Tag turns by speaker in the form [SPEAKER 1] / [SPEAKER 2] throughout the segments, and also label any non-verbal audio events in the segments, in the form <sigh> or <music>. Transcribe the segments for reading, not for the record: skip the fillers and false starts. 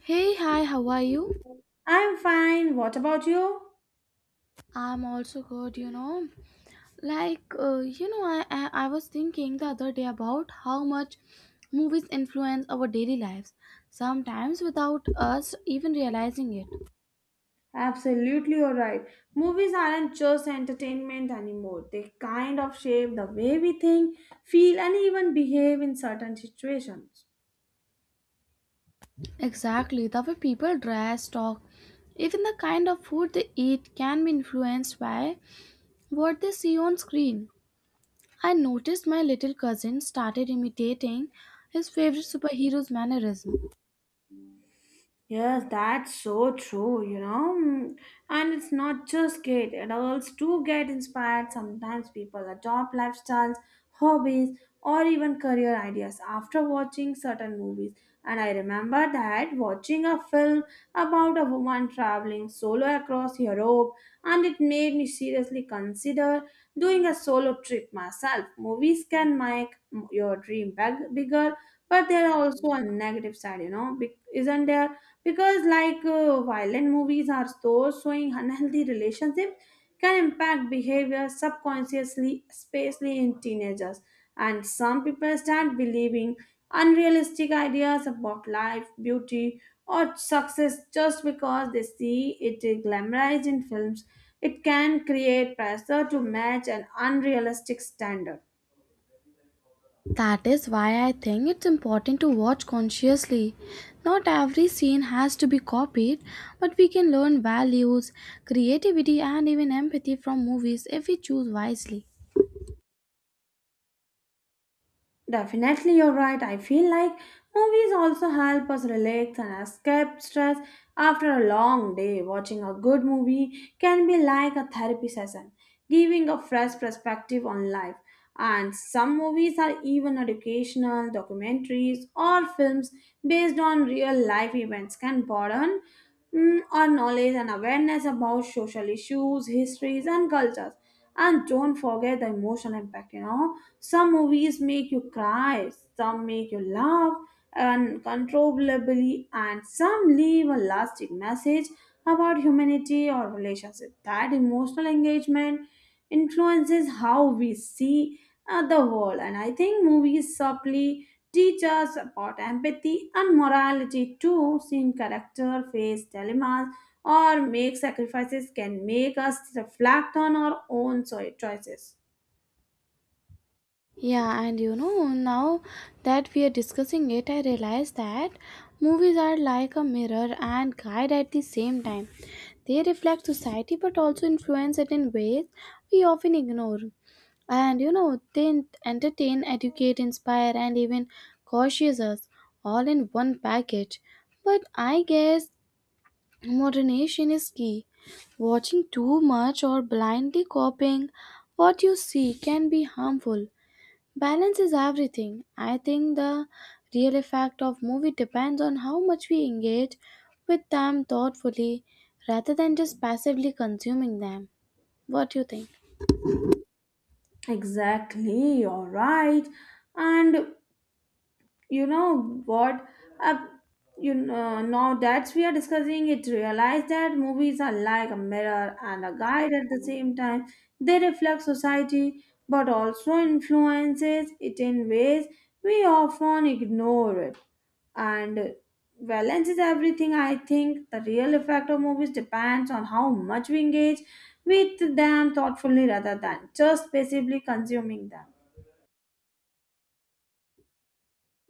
[SPEAKER 1] Hey, hi, how are you?
[SPEAKER 2] I'm fine. What about you?
[SPEAKER 1] I'm also good, you know. I was thinking the other day about how much movies influence our daily lives, sometimes without us even realizing it.
[SPEAKER 2] Absolutely, you're right. Movies aren't just entertainment anymore. They kind of shape the way we think, feel, and even behave in certain situations.
[SPEAKER 1] Exactly, the way people dress, talk, even the kind of food they eat can be influenced by what they see on screen. I noticed my little cousin started imitating his favorite superhero's mannerism.
[SPEAKER 2] Yes, that's so true, you know. And it's not just kids, adults too get inspired. Sometimes people adopt lifestyles, hobbies, or even career ideas after watching certain movies. And I remember that watching a film about a woman traveling solo across Europe, and it made me seriously consider doing a solo trip myself. Movies can make your dream big, bigger, but there are also a negative side, isn't there? Because like violent movies are so showing unhealthy relationships can impact behavior subconsciously, especially in teenagers, and some people start believing unrealistic ideas about life, beauty, or success just because they see it glamorized in films. It can create pressure to match an unrealistic standard.
[SPEAKER 1] That is why I think it's important to watch consciously. Not every scene has to be copied, but we can learn values, creativity, and even empathy from movies if we choose wisely.
[SPEAKER 2] Definitely, you're right. I feel like movies also help us relax and escape stress after a long day. Watching a good movie can be like a therapy session, giving a fresh perspective on life. And some movies are even educational. Documentaries, or films based on real life events, can broaden our knowledge and awareness about social issues, histories, and cultures. And don't forget the emotional impact. Some movies make you cry, some make you laugh uncontrollably, and some leave a lasting message about humanity or relationship. That emotional engagement influences how we see the world, and I think movies subtly teach us about empathy and morality too. Seeing character face dilemmas or make sacrifices can make us reflect on our own choices.
[SPEAKER 1] Yeah, and you know, now that we are discussing it, I realize that movies are like a mirror and guide at the same time. They reflect society but also influence it in ways we often ignore. And you know, they entertain, educate, inspire, and even cautious us all in one package. But I guess moderation is key. Watching too much or blindly copying what you see can be harmful. Balance is everything. I think the real effect of movie depends on how much we engage with them thoughtfully rather than just passively consuming them. What do you think?
[SPEAKER 2] Exactly, you're right. And you know what uh, now that we are discussing it, realize that movies are like a mirror and a guide at the same time. They reflect society but also influences it in ways we often ignore it. And balance is everything. I think the real effect of movies depends on how much we engage with them thoughtfully rather than just passively consuming them.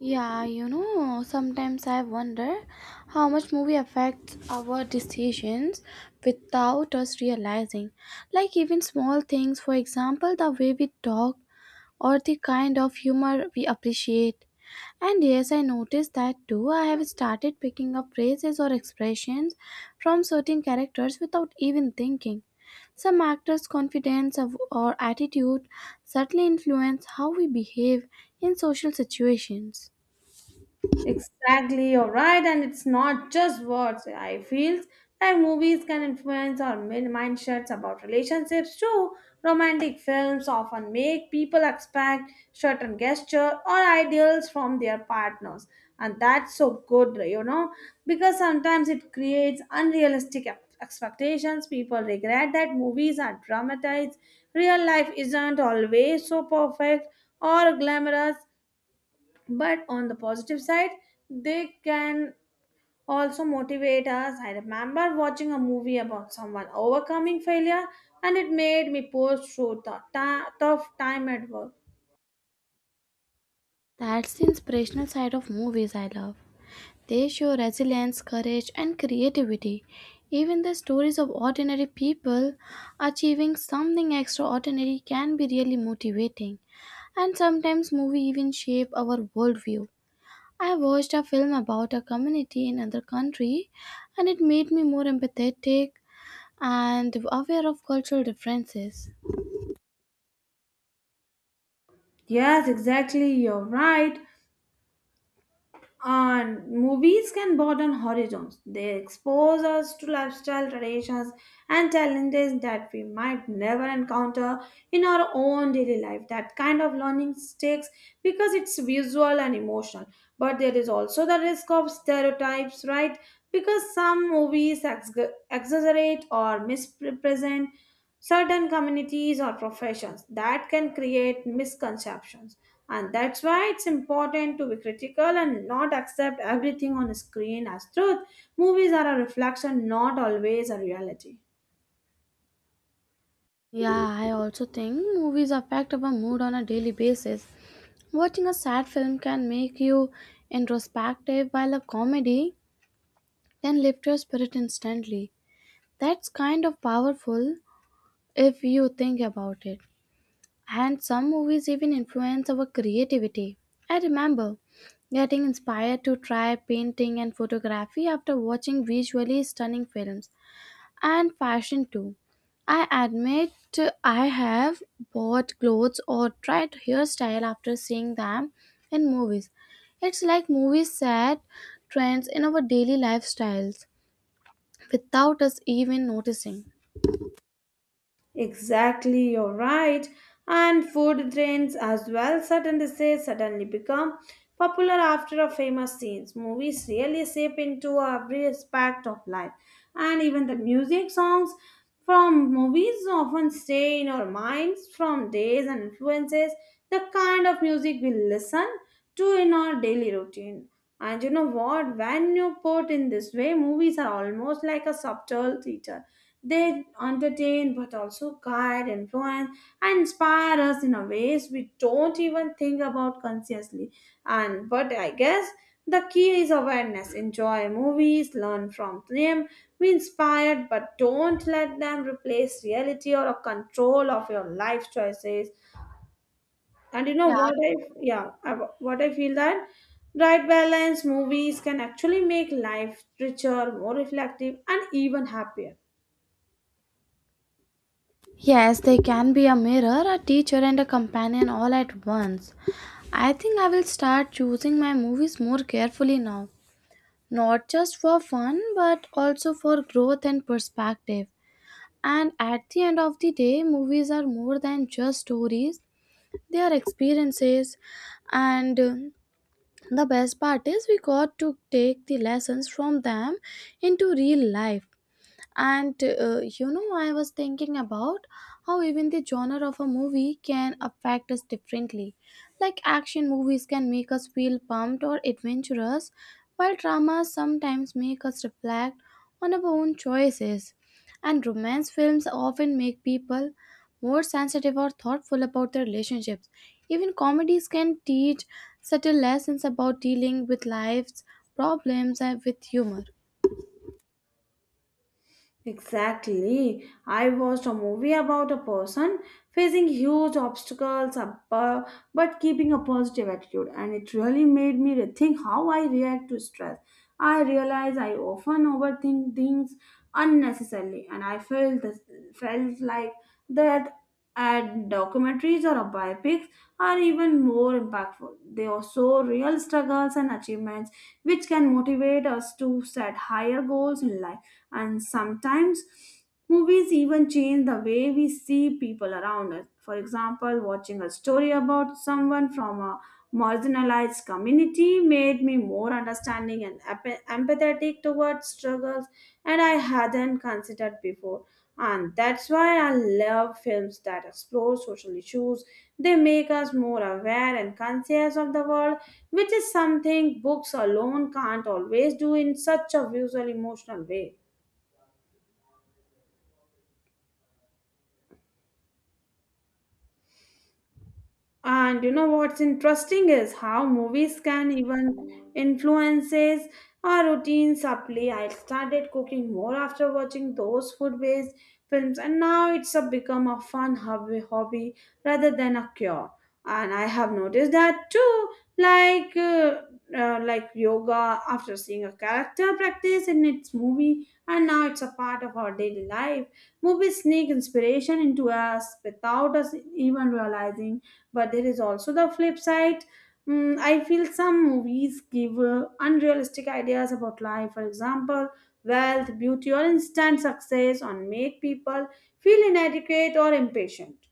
[SPEAKER 1] Yeah, you know, sometimes I wonder how much movie affects our decisions without us realizing. Like even small things, for example, the way we talk or the kind of humor we appreciate. And yes, I noticed that too. I have started picking up phrases or expressions from certain characters without even thinking. Some actors' confidence of- or attitude certainly influence how we behave in social situations.
[SPEAKER 2] Exactly, you're right, and it's not just words. I feel like movies can influence our mindsets about relationships too. Romantic films often make people expect certain gesture or ideals from their partners, and that's so good, you know, because sometimes it creates unrealistic expectations. People regret that movies are dramatized. Real life isn't always so perfect or glamorous, but on the positive side, they can also motivate us. I remember watching a movie about someone overcoming failure, and it made me push through the tough time at work.
[SPEAKER 1] That's the inspirational side of movies I love. They show resilience, courage, and creativity. Even the stories of ordinary people achieving something extraordinary can be really motivating. And sometimes movies even shape our worldview. I watched a film about a community in another country and it made me more empathetic and aware of cultural differences.
[SPEAKER 2] Yes, exactly, you're right. And movies can broaden horizons. They expose us to lifestyle traditions and challenges that we might never encounter in our own daily life. That kind of learning sticks because it's visual and emotional. But there is also the risk of stereotypes, right? Because some movies exaggerate or misrepresent certain communities or professions, that can create misconceptions. And that's why it's important to be critical and not accept everything on a screen as truth. Movies are a reflection, not always a reality.
[SPEAKER 1] Yeah, I also think movies affect our mood on a daily basis. Watching a sad film can make you introspective, while a comedy can lift your spirit instantly. That's kind of powerful if you think about it. And some movies even influence our creativity. I remember getting inspired to try painting and photography after watching visually stunning films and fashion too. I admit I have bought clothes or tried hairstyle after seeing them in movies. It's like movies set trends in our daily lifestyles without us even noticing.
[SPEAKER 2] Exactly, you're right. And food trends as well, suddenly say, suddenly become popular after a famous scenes. Movies really seep into every aspect of life. And even the music songs from movies often stay in our minds from days and influences the kind of music we listen to in our daily routine. And you know what? When you put in this way, movies are almost like a subtle teacher. They entertain but also guide, influence, and inspire us in a ways we don't even think about consciously. And but I guess the key is awareness. Enjoy movies, learn from them, be inspired, but don't let them replace reality or a control of your life choices. and you know
[SPEAKER 1] Yeah.
[SPEAKER 2] what i yeah I, what I feel that right balance, movies can actually make life richer, more reflective, and even happier.
[SPEAKER 1] Yes, they can be a mirror, a teacher, and a companion all at once. I think I will start choosing my movies more carefully now, not just for fun but also for growth and perspective. And at the end of the day, movies are more than just stories, they are experiences. And the best part is, we got to take the lessons from them into real life. And you know, I was thinking about how even the genre of a movie can affect us differently. Like action movies can make us feel pumped or adventurous, while dramas sometimes make us reflect on our own choices. And romance films often make people more sensitive or thoughtful about their relationships. Even comedies can teach subtle lessons about dealing with life's problems and with humor.
[SPEAKER 2] Exactly. I watched a movie about a person facing huge obstacles above, but keeping a positive attitude, and it really made me rethink how I react to stress. I realized I often overthink things unnecessarily, and I felt like that ad documentaries or biopics are even more impactful. They are so real struggles and achievements, which can motivate us to set higher goals in life. And sometimes movies even change the way we see people around us. For example, watching a story about someone from a marginalized community made me more understanding and empathetic towards struggles and I hadn't considered before. And that's why I love films that explore social issues. They make us more aware and conscious of the world, which is something books alone can't always do in such a visual emotional way. And you know what's interesting is how movies can even influences our routines subtly. I started cooking more after watching those food-based films, and now it's a become a fun hobby rather than a cure. And I have noticed that too, like uh, like yoga after seeing a character practice in its movie, and now it's a part of our daily life. Movies sneak inspiration into us without us even realizing. But there is also the flip side. I feel some movies give unrealistic ideas about life. For example, wealth, beauty, or instant success, or make people feel inadequate or impatient.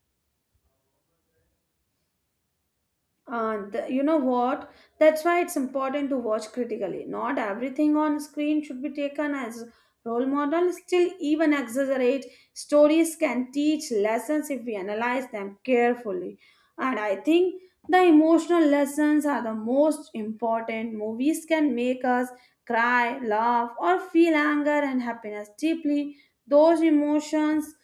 [SPEAKER 2] And you know what? That's why it's important to watch critically. Not everything on screen should be taken as role model. Still, even exaggerate stories can teach lessons if we analyze them carefully. And I think the emotional lessons are the most important. Movies can make us cry, laugh, or feel anger and happiness deeply. Those emotions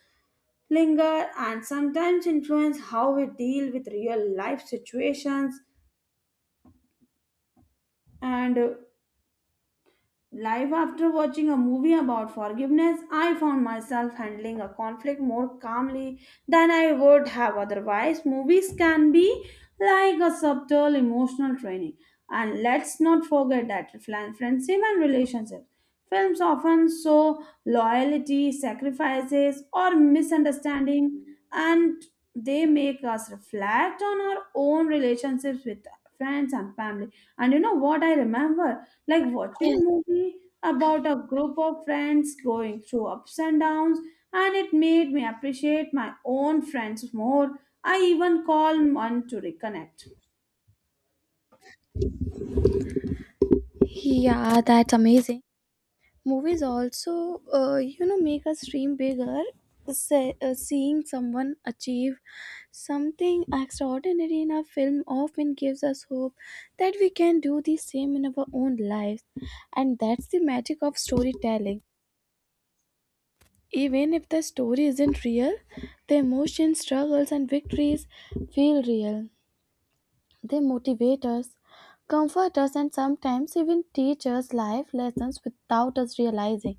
[SPEAKER 2] linger and sometimes influence how we deal with real life situations. And Life after watching a movie about forgiveness, I found myself handling a conflict more calmly than I would have otherwise. Movies can be like a subtle emotional training. And let's not forget that friendship and relationships. Films often show loyalty, sacrifices, or misunderstanding, and they make us reflect on our own relationships with friends and family. And you know what I remember? Like watching a
[SPEAKER 1] Yes.
[SPEAKER 2] movie about a group of friends going through ups and downs, and it made me appreciate my own friends more. I even call one to reconnect.
[SPEAKER 1] Yeah, that's amazing. Movies also, you know, make us dream bigger. Seeing someone achieve something extraordinary in a film often gives us hope that we can do the same in our own lives. And that's the magic of storytelling. Even if the story isn't real, the emotions, struggles, and victories feel real. They motivate us, comfort us, and sometimes even teach us life lessons without us realizing.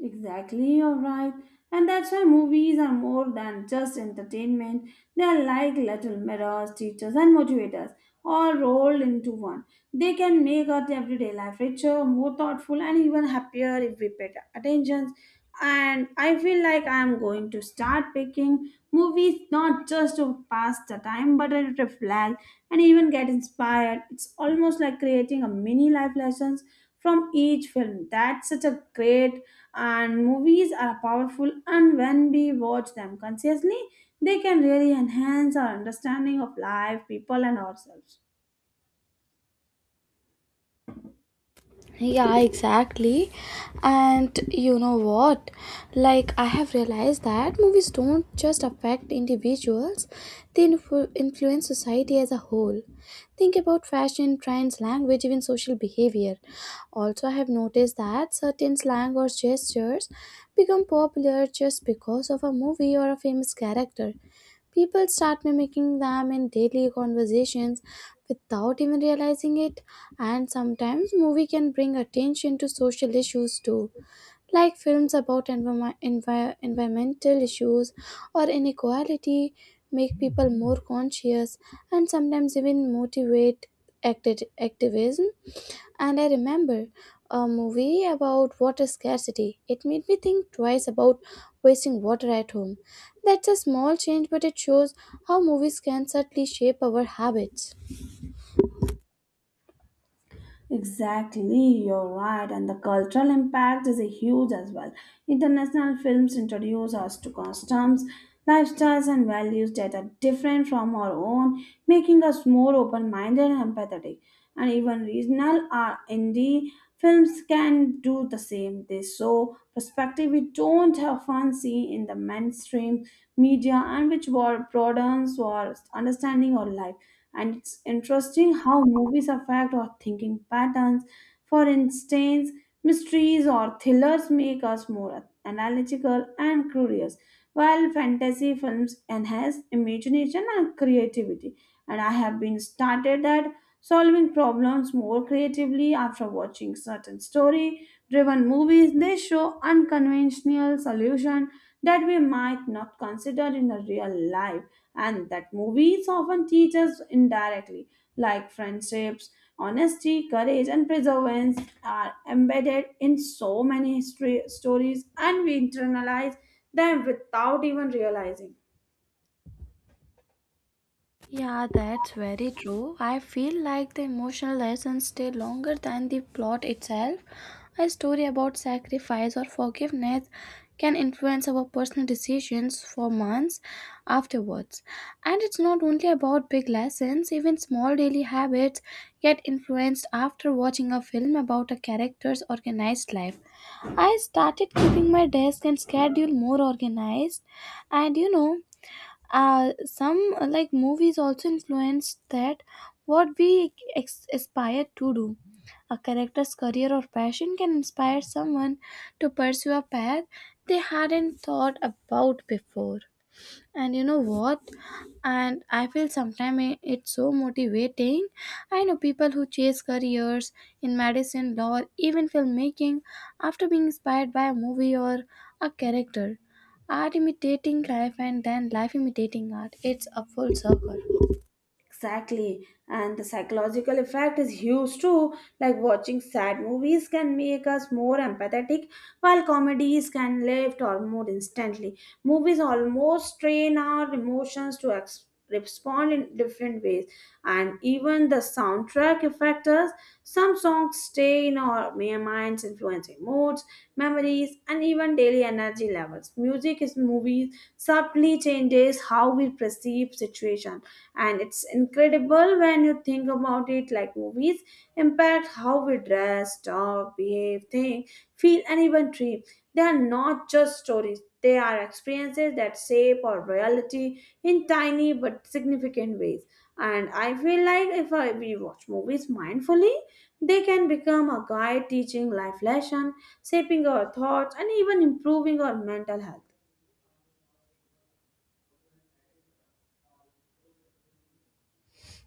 [SPEAKER 2] Exactly, you're right. And that's why movies are more than just entertainment. They are like little mirrors, teachers, and motivators, all rolled into one. They can make our everyday life richer, more thoughtful, and even happier if we pay attention. And I feel like I'm going to start picking movies not just to pass the time, but to reflect and even get inspired. It's almost like creating a mini life lessons from each film. That's such a great. And movies are powerful, and when we watch them consciously, they can really enhance our understanding of life, people, and ourselves.
[SPEAKER 1] Yeah, exactly. And you know what? Like, I have realized that movies don't just affect individuals, they influence society as a whole. Think about fashion, trends, language, even social behavior. Also, I have noticed that certain slang or gestures become popular just because of a movie or a famous character. People start mimicking them in daily conversations without even realizing it, and sometimes movie can bring attention to social issues too, like films about environmental issues or inequality make people more conscious and sometimes even motivate activism. And I remember a movie about water scarcity. It made me think twice about wasting water at home. That's a small change, but it shows how movies can subtly shape our habits.
[SPEAKER 2] Exactly, you're right, and the cultural impact is a huge as well. International films introduce us to customs, lifestyles, and values that are different from our own, making us more open minded and empathetic. And even regional or indie films can do the same. They show perspective we don't often see in the mainstream media, and which broadens our understanding or life. And it's interesting how movies affect our thinking patterns. For instance, mysteries or thrillers make us more analytical and curious, while fantasy films enhance imagination and creativity. And I have been started at solving problems more creatively after watching certain story driven movies. They show unconventional solution that we might not consider in a real life. And that movies often teach us indirectly, like friendships, honesty, courage, and perseverance are embedded in so many stories, and we internalize them without even realizing.
[SPEAKER 1] Yeah, that's very true. I feel like the emotional lessons stay longer than the plot itself. A story about sacrifice or forgiveness can influence our personal decisions for months afterwards. And it's not only about big lessons, even small daily habits get influenced after watching a film about a character's organized life. I started keeping my desk and schedule more organized, and you know some like movies also influenced that what we aspire to do. A character's career or passion can inspire someone to pursue a path they hadn't thought about before. And you know what? And I feel sometimes it's so motivating. I know people who chase careers in medicine, law, even filmmaking after being inspired by a movie or a character. Art imitating life and then life imitating art, it's a full circle.
[SPEAKER 2] Exactly. And the psychological effect is huge too. Like watching sad movies can make us more empathetic, while comedies can lift our mood instantly. Movies almost train our emotions to respond in different ways. And even the soundtrack affects us. Some songs stay in our mere minds, influencing moods, memories, and even daily energy levels. Music is movies subtly changes how we perceive situations. And it's incredible when you think about it. Like movies impact how we dress, talk, behave, think, feel, and even dream. They are not just stories, they are experiences that shape our reality in tiny but significant ways. And I feel like if we watch movies mindfully, they can become a guide, teaching life lesson, shaping our thoughts, and even improving our mental health.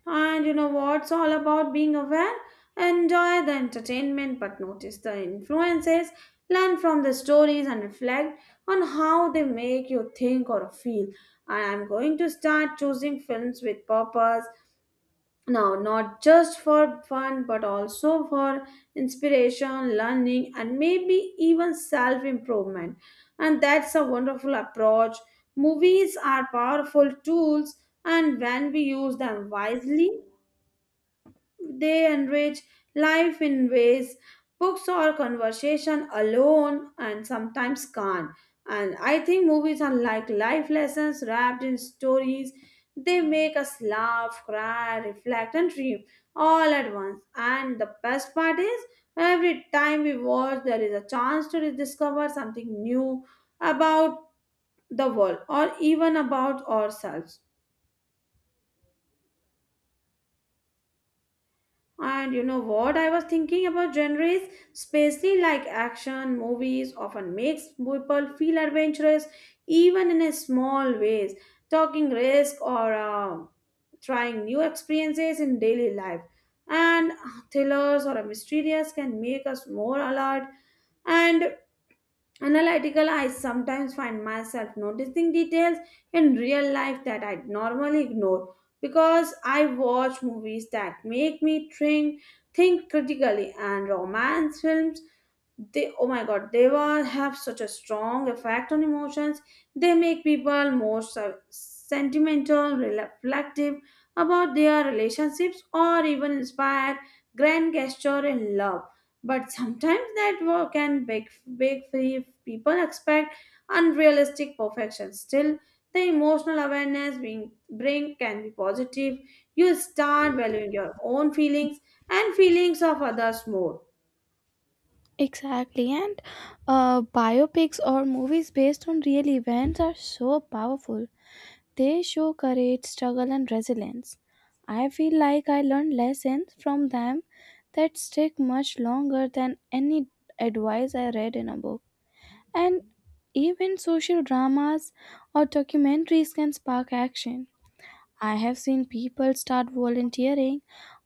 [SPEAKER 2] And you know what's all about being aware? Enjoy the entertainment, but notice the influences, learn from the stories, and reflect on how they make you think or feel. And I'm going to start choosing films with purpose now, not just for fun but also for inspiration, learning, and maybe even self improvement. And that's a wonderful approach. Movies are powerful tools, and when we use them wisely, they enrich life in ways books or conversation alone and sometimes can't. And I think movies are like life lessons wrapped in stories. They make us laugh, cry, reflect, and dream all at once. And the best part is, every time we watch, there is a chance to rediscover something new about the world or even about ourselves. And you know what, I was thinking about genres, especially like action movies often makes people feel adventurous even in a small ways, talking risk or trying new experiences in daily life. And Thrillers or a mysterious can make us more alert and analytical. I sometimes find myself noticing details in real life that I normally ignore because I watch movies that make me think critically. And romance films, they, oh my god, they were have such a strong effect on emotions. They make people more sentimental, reflective about their relationships or even inspire grand gesture in love. But sometimes that work can big free people expect unrealistic perfection. Still, the emotional awareness being bring can be positive. You start valuing your own feelings and feelings of others more.
[SPEAKER 1] Exactly, and biopics or movies based on real events are so powerful. They show courage, struggle, and resilience. I feel like I learned lessons from them that stick much longer than any advice I read in a book. And even social dramas or documentaries can spark action. I have seen people start volunteering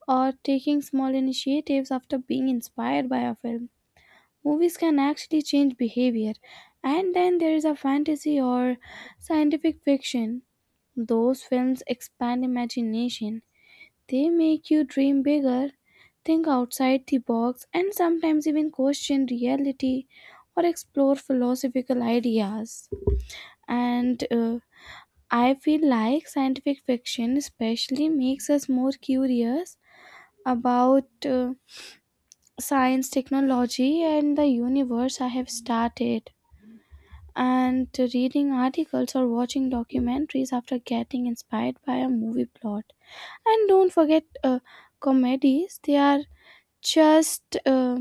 [SPEAKER 1] or taking small initiatives after being inspired by a film. Movies can actually change behavior. And then there is a fantasy or scientific fiction, those films expand imagination. They make you dream bigger, think outside the box, and sometimes even question reality or explore philosophical ideas. And I feel like scientific fiction, especially, makes us more curious about science, technology, and the universe I have started. And reading articles or watching documentaries after getting inspired by a movie plot. And don't forget uh, comedies, they are just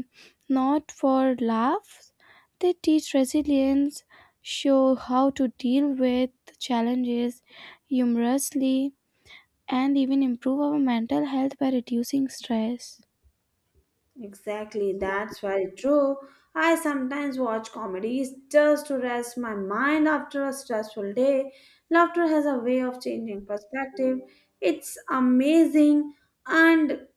[SPEAKER 1] not for laughs. They teach resilience, show how to deal with challenges humorously and even improve our mental health by reducing stress.
[SPEAKER 2] Exactly, that's very true. I sometimes watch comedies just to rest my mind after a stressful day. Laughter has a way of changing perspective. It's amazing, and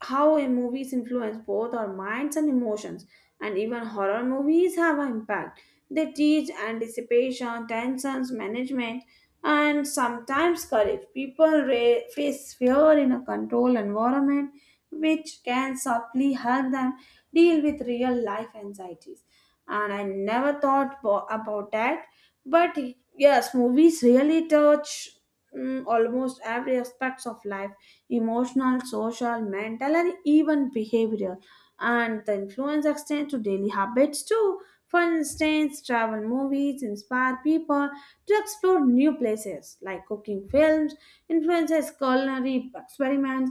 [SPEAKER 2] how a movies influence both our minds and emotions. And even horror movies have an impact. They teach anticipation, tensions management, and sometimes courage. People face fear in a controlled environment, which can subtly help them deal with real life anxieties. And I never thought about that, but yes, movies really touch, almost every aspects of life: emotional, social, mental, and even behavioral. And the influence extends to daily habits too. For instance, travel movies inspire people to explore new places, like cooking films influences culinary experiments,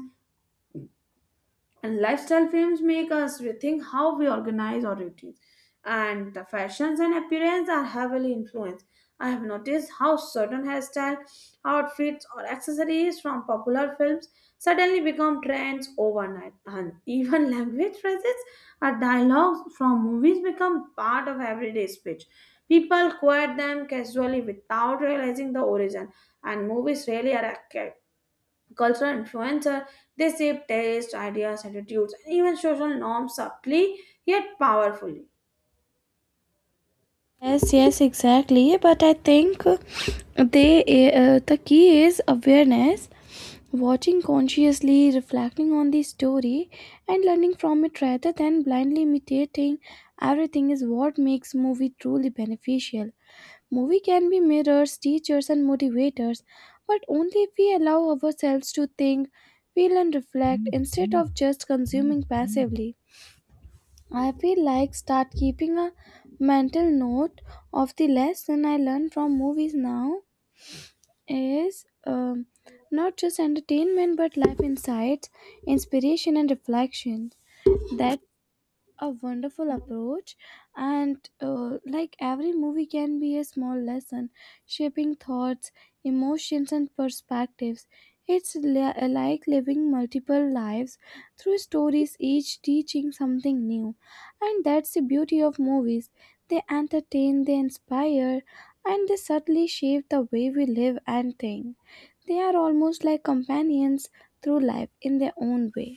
[SPEAKER 2] and lifestyle films make us rethink how we organize our routines. And the fashions and appearance are heavily influenced. I have noticed how certain hairstyle, outfits, or accessories from popular films suddenly become trends overnight. And even <laughs> language phrases or dialogues from movies become part of everyday speech. People quote them casually without realizing the origin, and movies really are cultural influencer. They shape taste, ideas, attitudes, and even social norms subtly yet powerfully.
[SPEAKER 1] Yes, yes, exactly, but I think they the key is awareness. Watching consciously, reflecting on the story, and learning from it rather than blindly imitating everything is what makes movie truly beneficial. Movie can be mirrors, teachers, and motivators, but only if we allow ourselves to think, feel, and reflect instead of just consuming passively. I feel like start keeping a mental note of the lesson I learned from movies now is not just entertainment but life insights, inspiration, and reflection. That a wonderful approach. And like every movie can be a small lesson, shaping thoughts, emotions and perspectives. It's like living multiple lives through stories, each teaching something new. And that's the beauty of movies, they entertain, they inspire, and they subtly shape the way we live and think. They are almost like companions through life in their own way.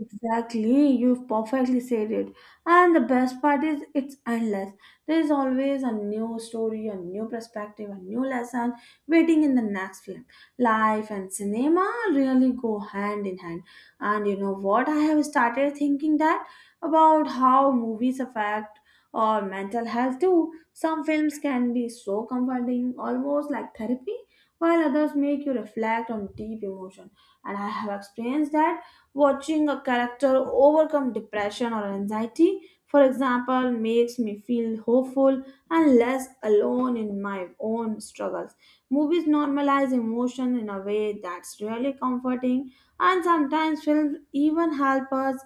[SPEAKER 2] Exactly, you've perfectly said it. And the best part is it's endless. There's always a new story, a new perspective, a new lesson waiting in the next film. Life and cinema really go hand in hand. And you know what? I have started thinking that, about how movies affect our mental health too. Some films can be so comforting, almost like therapy, while others make you reflect on deep emotion. And I have experienced that. Watching a character overcome depression or anxiety, for example, makes me feel hopeful and less alone in my own struggles. Movies normalize emotion in a way that's really comforting, and sometimes films even help us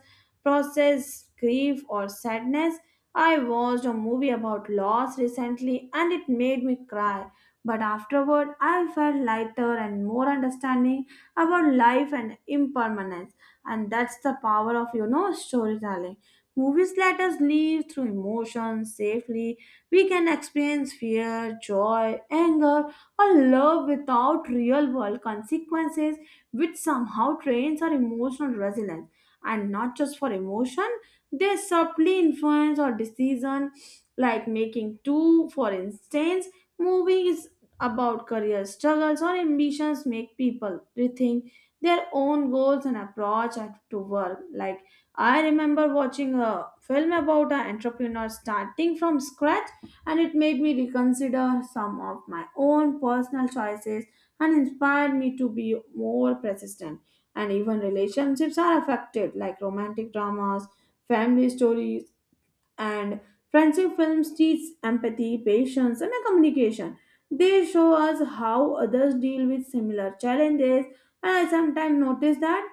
[SPEAKER 2] process grief or sadness. I watched a movie about loss recently and it made me cry, but afterward I felt lighter and more understanding about life and impermanence. And that's the power of, you know, storytelling. Movies let us live through emotions safely. We can experience fear, joy, anger, or love without real world consequences, which somehow trains our emotional resilience. And not just for emotion, they subtly influence our decision like making two for instance, movies about career struggles or ambitions make people rethink their own goals and approach to work. Like, I remember watching a film about an entrepreneur starting from scratch, and it made me reconsider some of my own personal choices and inspired me to be more persistent. And even relationships are affected, like romantic dramas, family stories, and friendship films teach empathy, patience, and a communication. They show us how others deal with similar challenges. And I sometimes notice that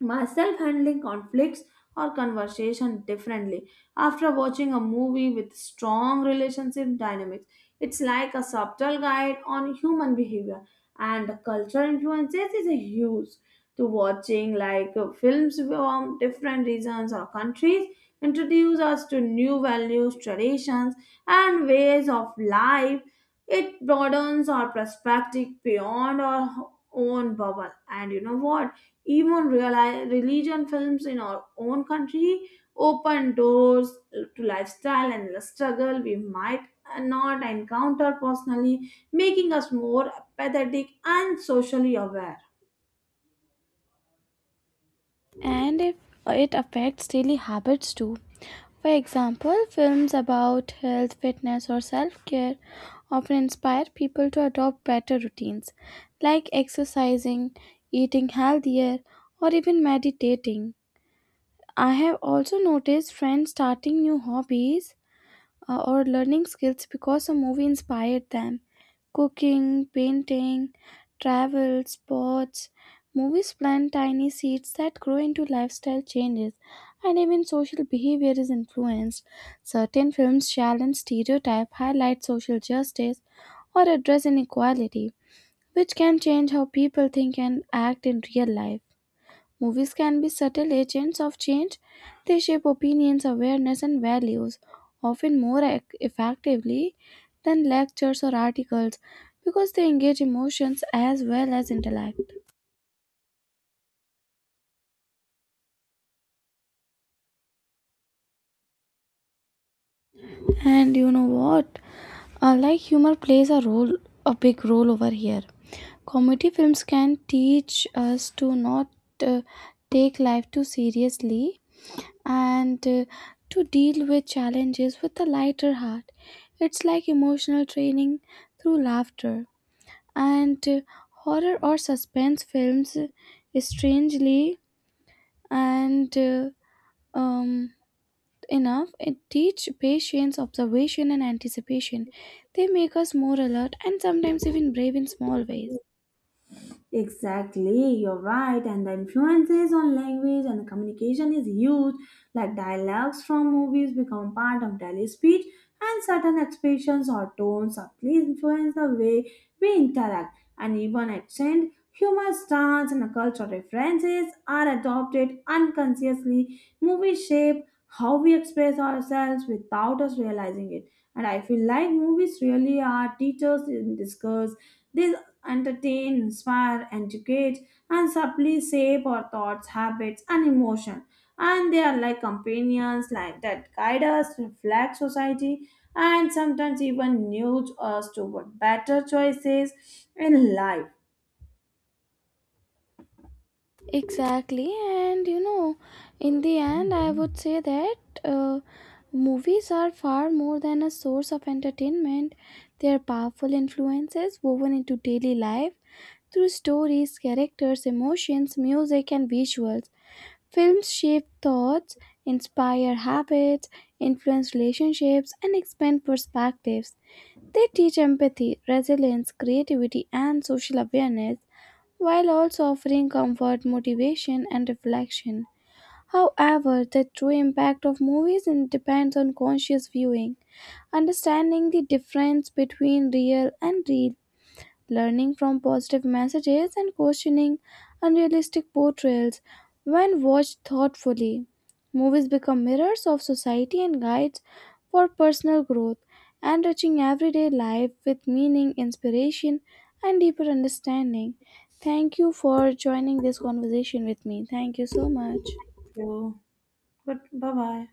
[SPEAKER 2] myself handling conflicts or conversation differently after watching a movie with strong relationship dynamics. It's like a subtle guide on human behavior. And the cultural influences is a huge, to watching like films from different regions or countries introduce us to new values, traditions, and ways of life. It broadens our perspective beyond our own bubble. And you know what, even reali religion films in our own country open doors to lifestyle and the struggle we might not encounter personally, making us more empathetic and socially aware.
[SPEAKER 1] And if it affects daily habits too. For example, films about health, fitness, or self care often inspire people to adopt better routines like exercising, eating healthier, or even meditating. I have also noticed friends starting new hobbies or learning skills because a movie inspired them. Cooking, painting, travel, sports. Movies plant tiny seeds that grow into lifestyle changes, and even social behavior is influenced. Certain films challenge stereotype, highlight social justice, or address inequality, which can change how people think and act in real life. Movies can be subtle agents of change. They shape opinions, awareness, and values, often more effectively than lectures or articles because they engage emotions as well as intellect. And you know what? Like humor plays a role, a big role over here. Comedy films can teach us to not uh, take life too seriously and to deal with challenges with a lighter heart. It's like emotional training through laughter. And horror or suspense films, strangely and um, enough, it teach patience, observation, and anticipation. They make us more alert and sometimes even brave in small ways.
[SPEAKER 2] Exactly, you're right. And the influences on language and communication is huge. Like dialogues from movies become part of daily speech, and certain expressions or tones subtly influence the way we interact. And even accent, humor, stance, and cultural references are adopted unconsciously. Movies shape how we express ourselves without us realizing it. And I feel like movies really are teachers in disguise. They entertain, inspire, educate, and subtly shape our thoughts, habits, and emotion. And they are like companions, like that guide us, reflect society, and sometimes even nudge us toward better choices in life.
[SPEAKER 1] Exactly, and you know, in the end, I would say that uh, movies are far more than a source of entertainment. They are powerful influences woven into daily life through stories, characters, emotions, music, and visuals. Films shape thoughts, inspire habits, influence relationships, and expand perspectives. They teach empathy, resilience, creativity, and social awareness while also offering comfort, motivation, and reflection. However, the true impact of movies depends on conscious viewing, understanding the difference between real and real, learning from positive messages and questioning unrealistic portrayals when watched thoughtfully. Movies become mirrors of society and guides for personal growth, and touching everyday life with meaning, inspiration, and deeper understanding. Thank you for joining this conversation with me. Thank you so much.
[SPEAKER 2] So, but bye bye.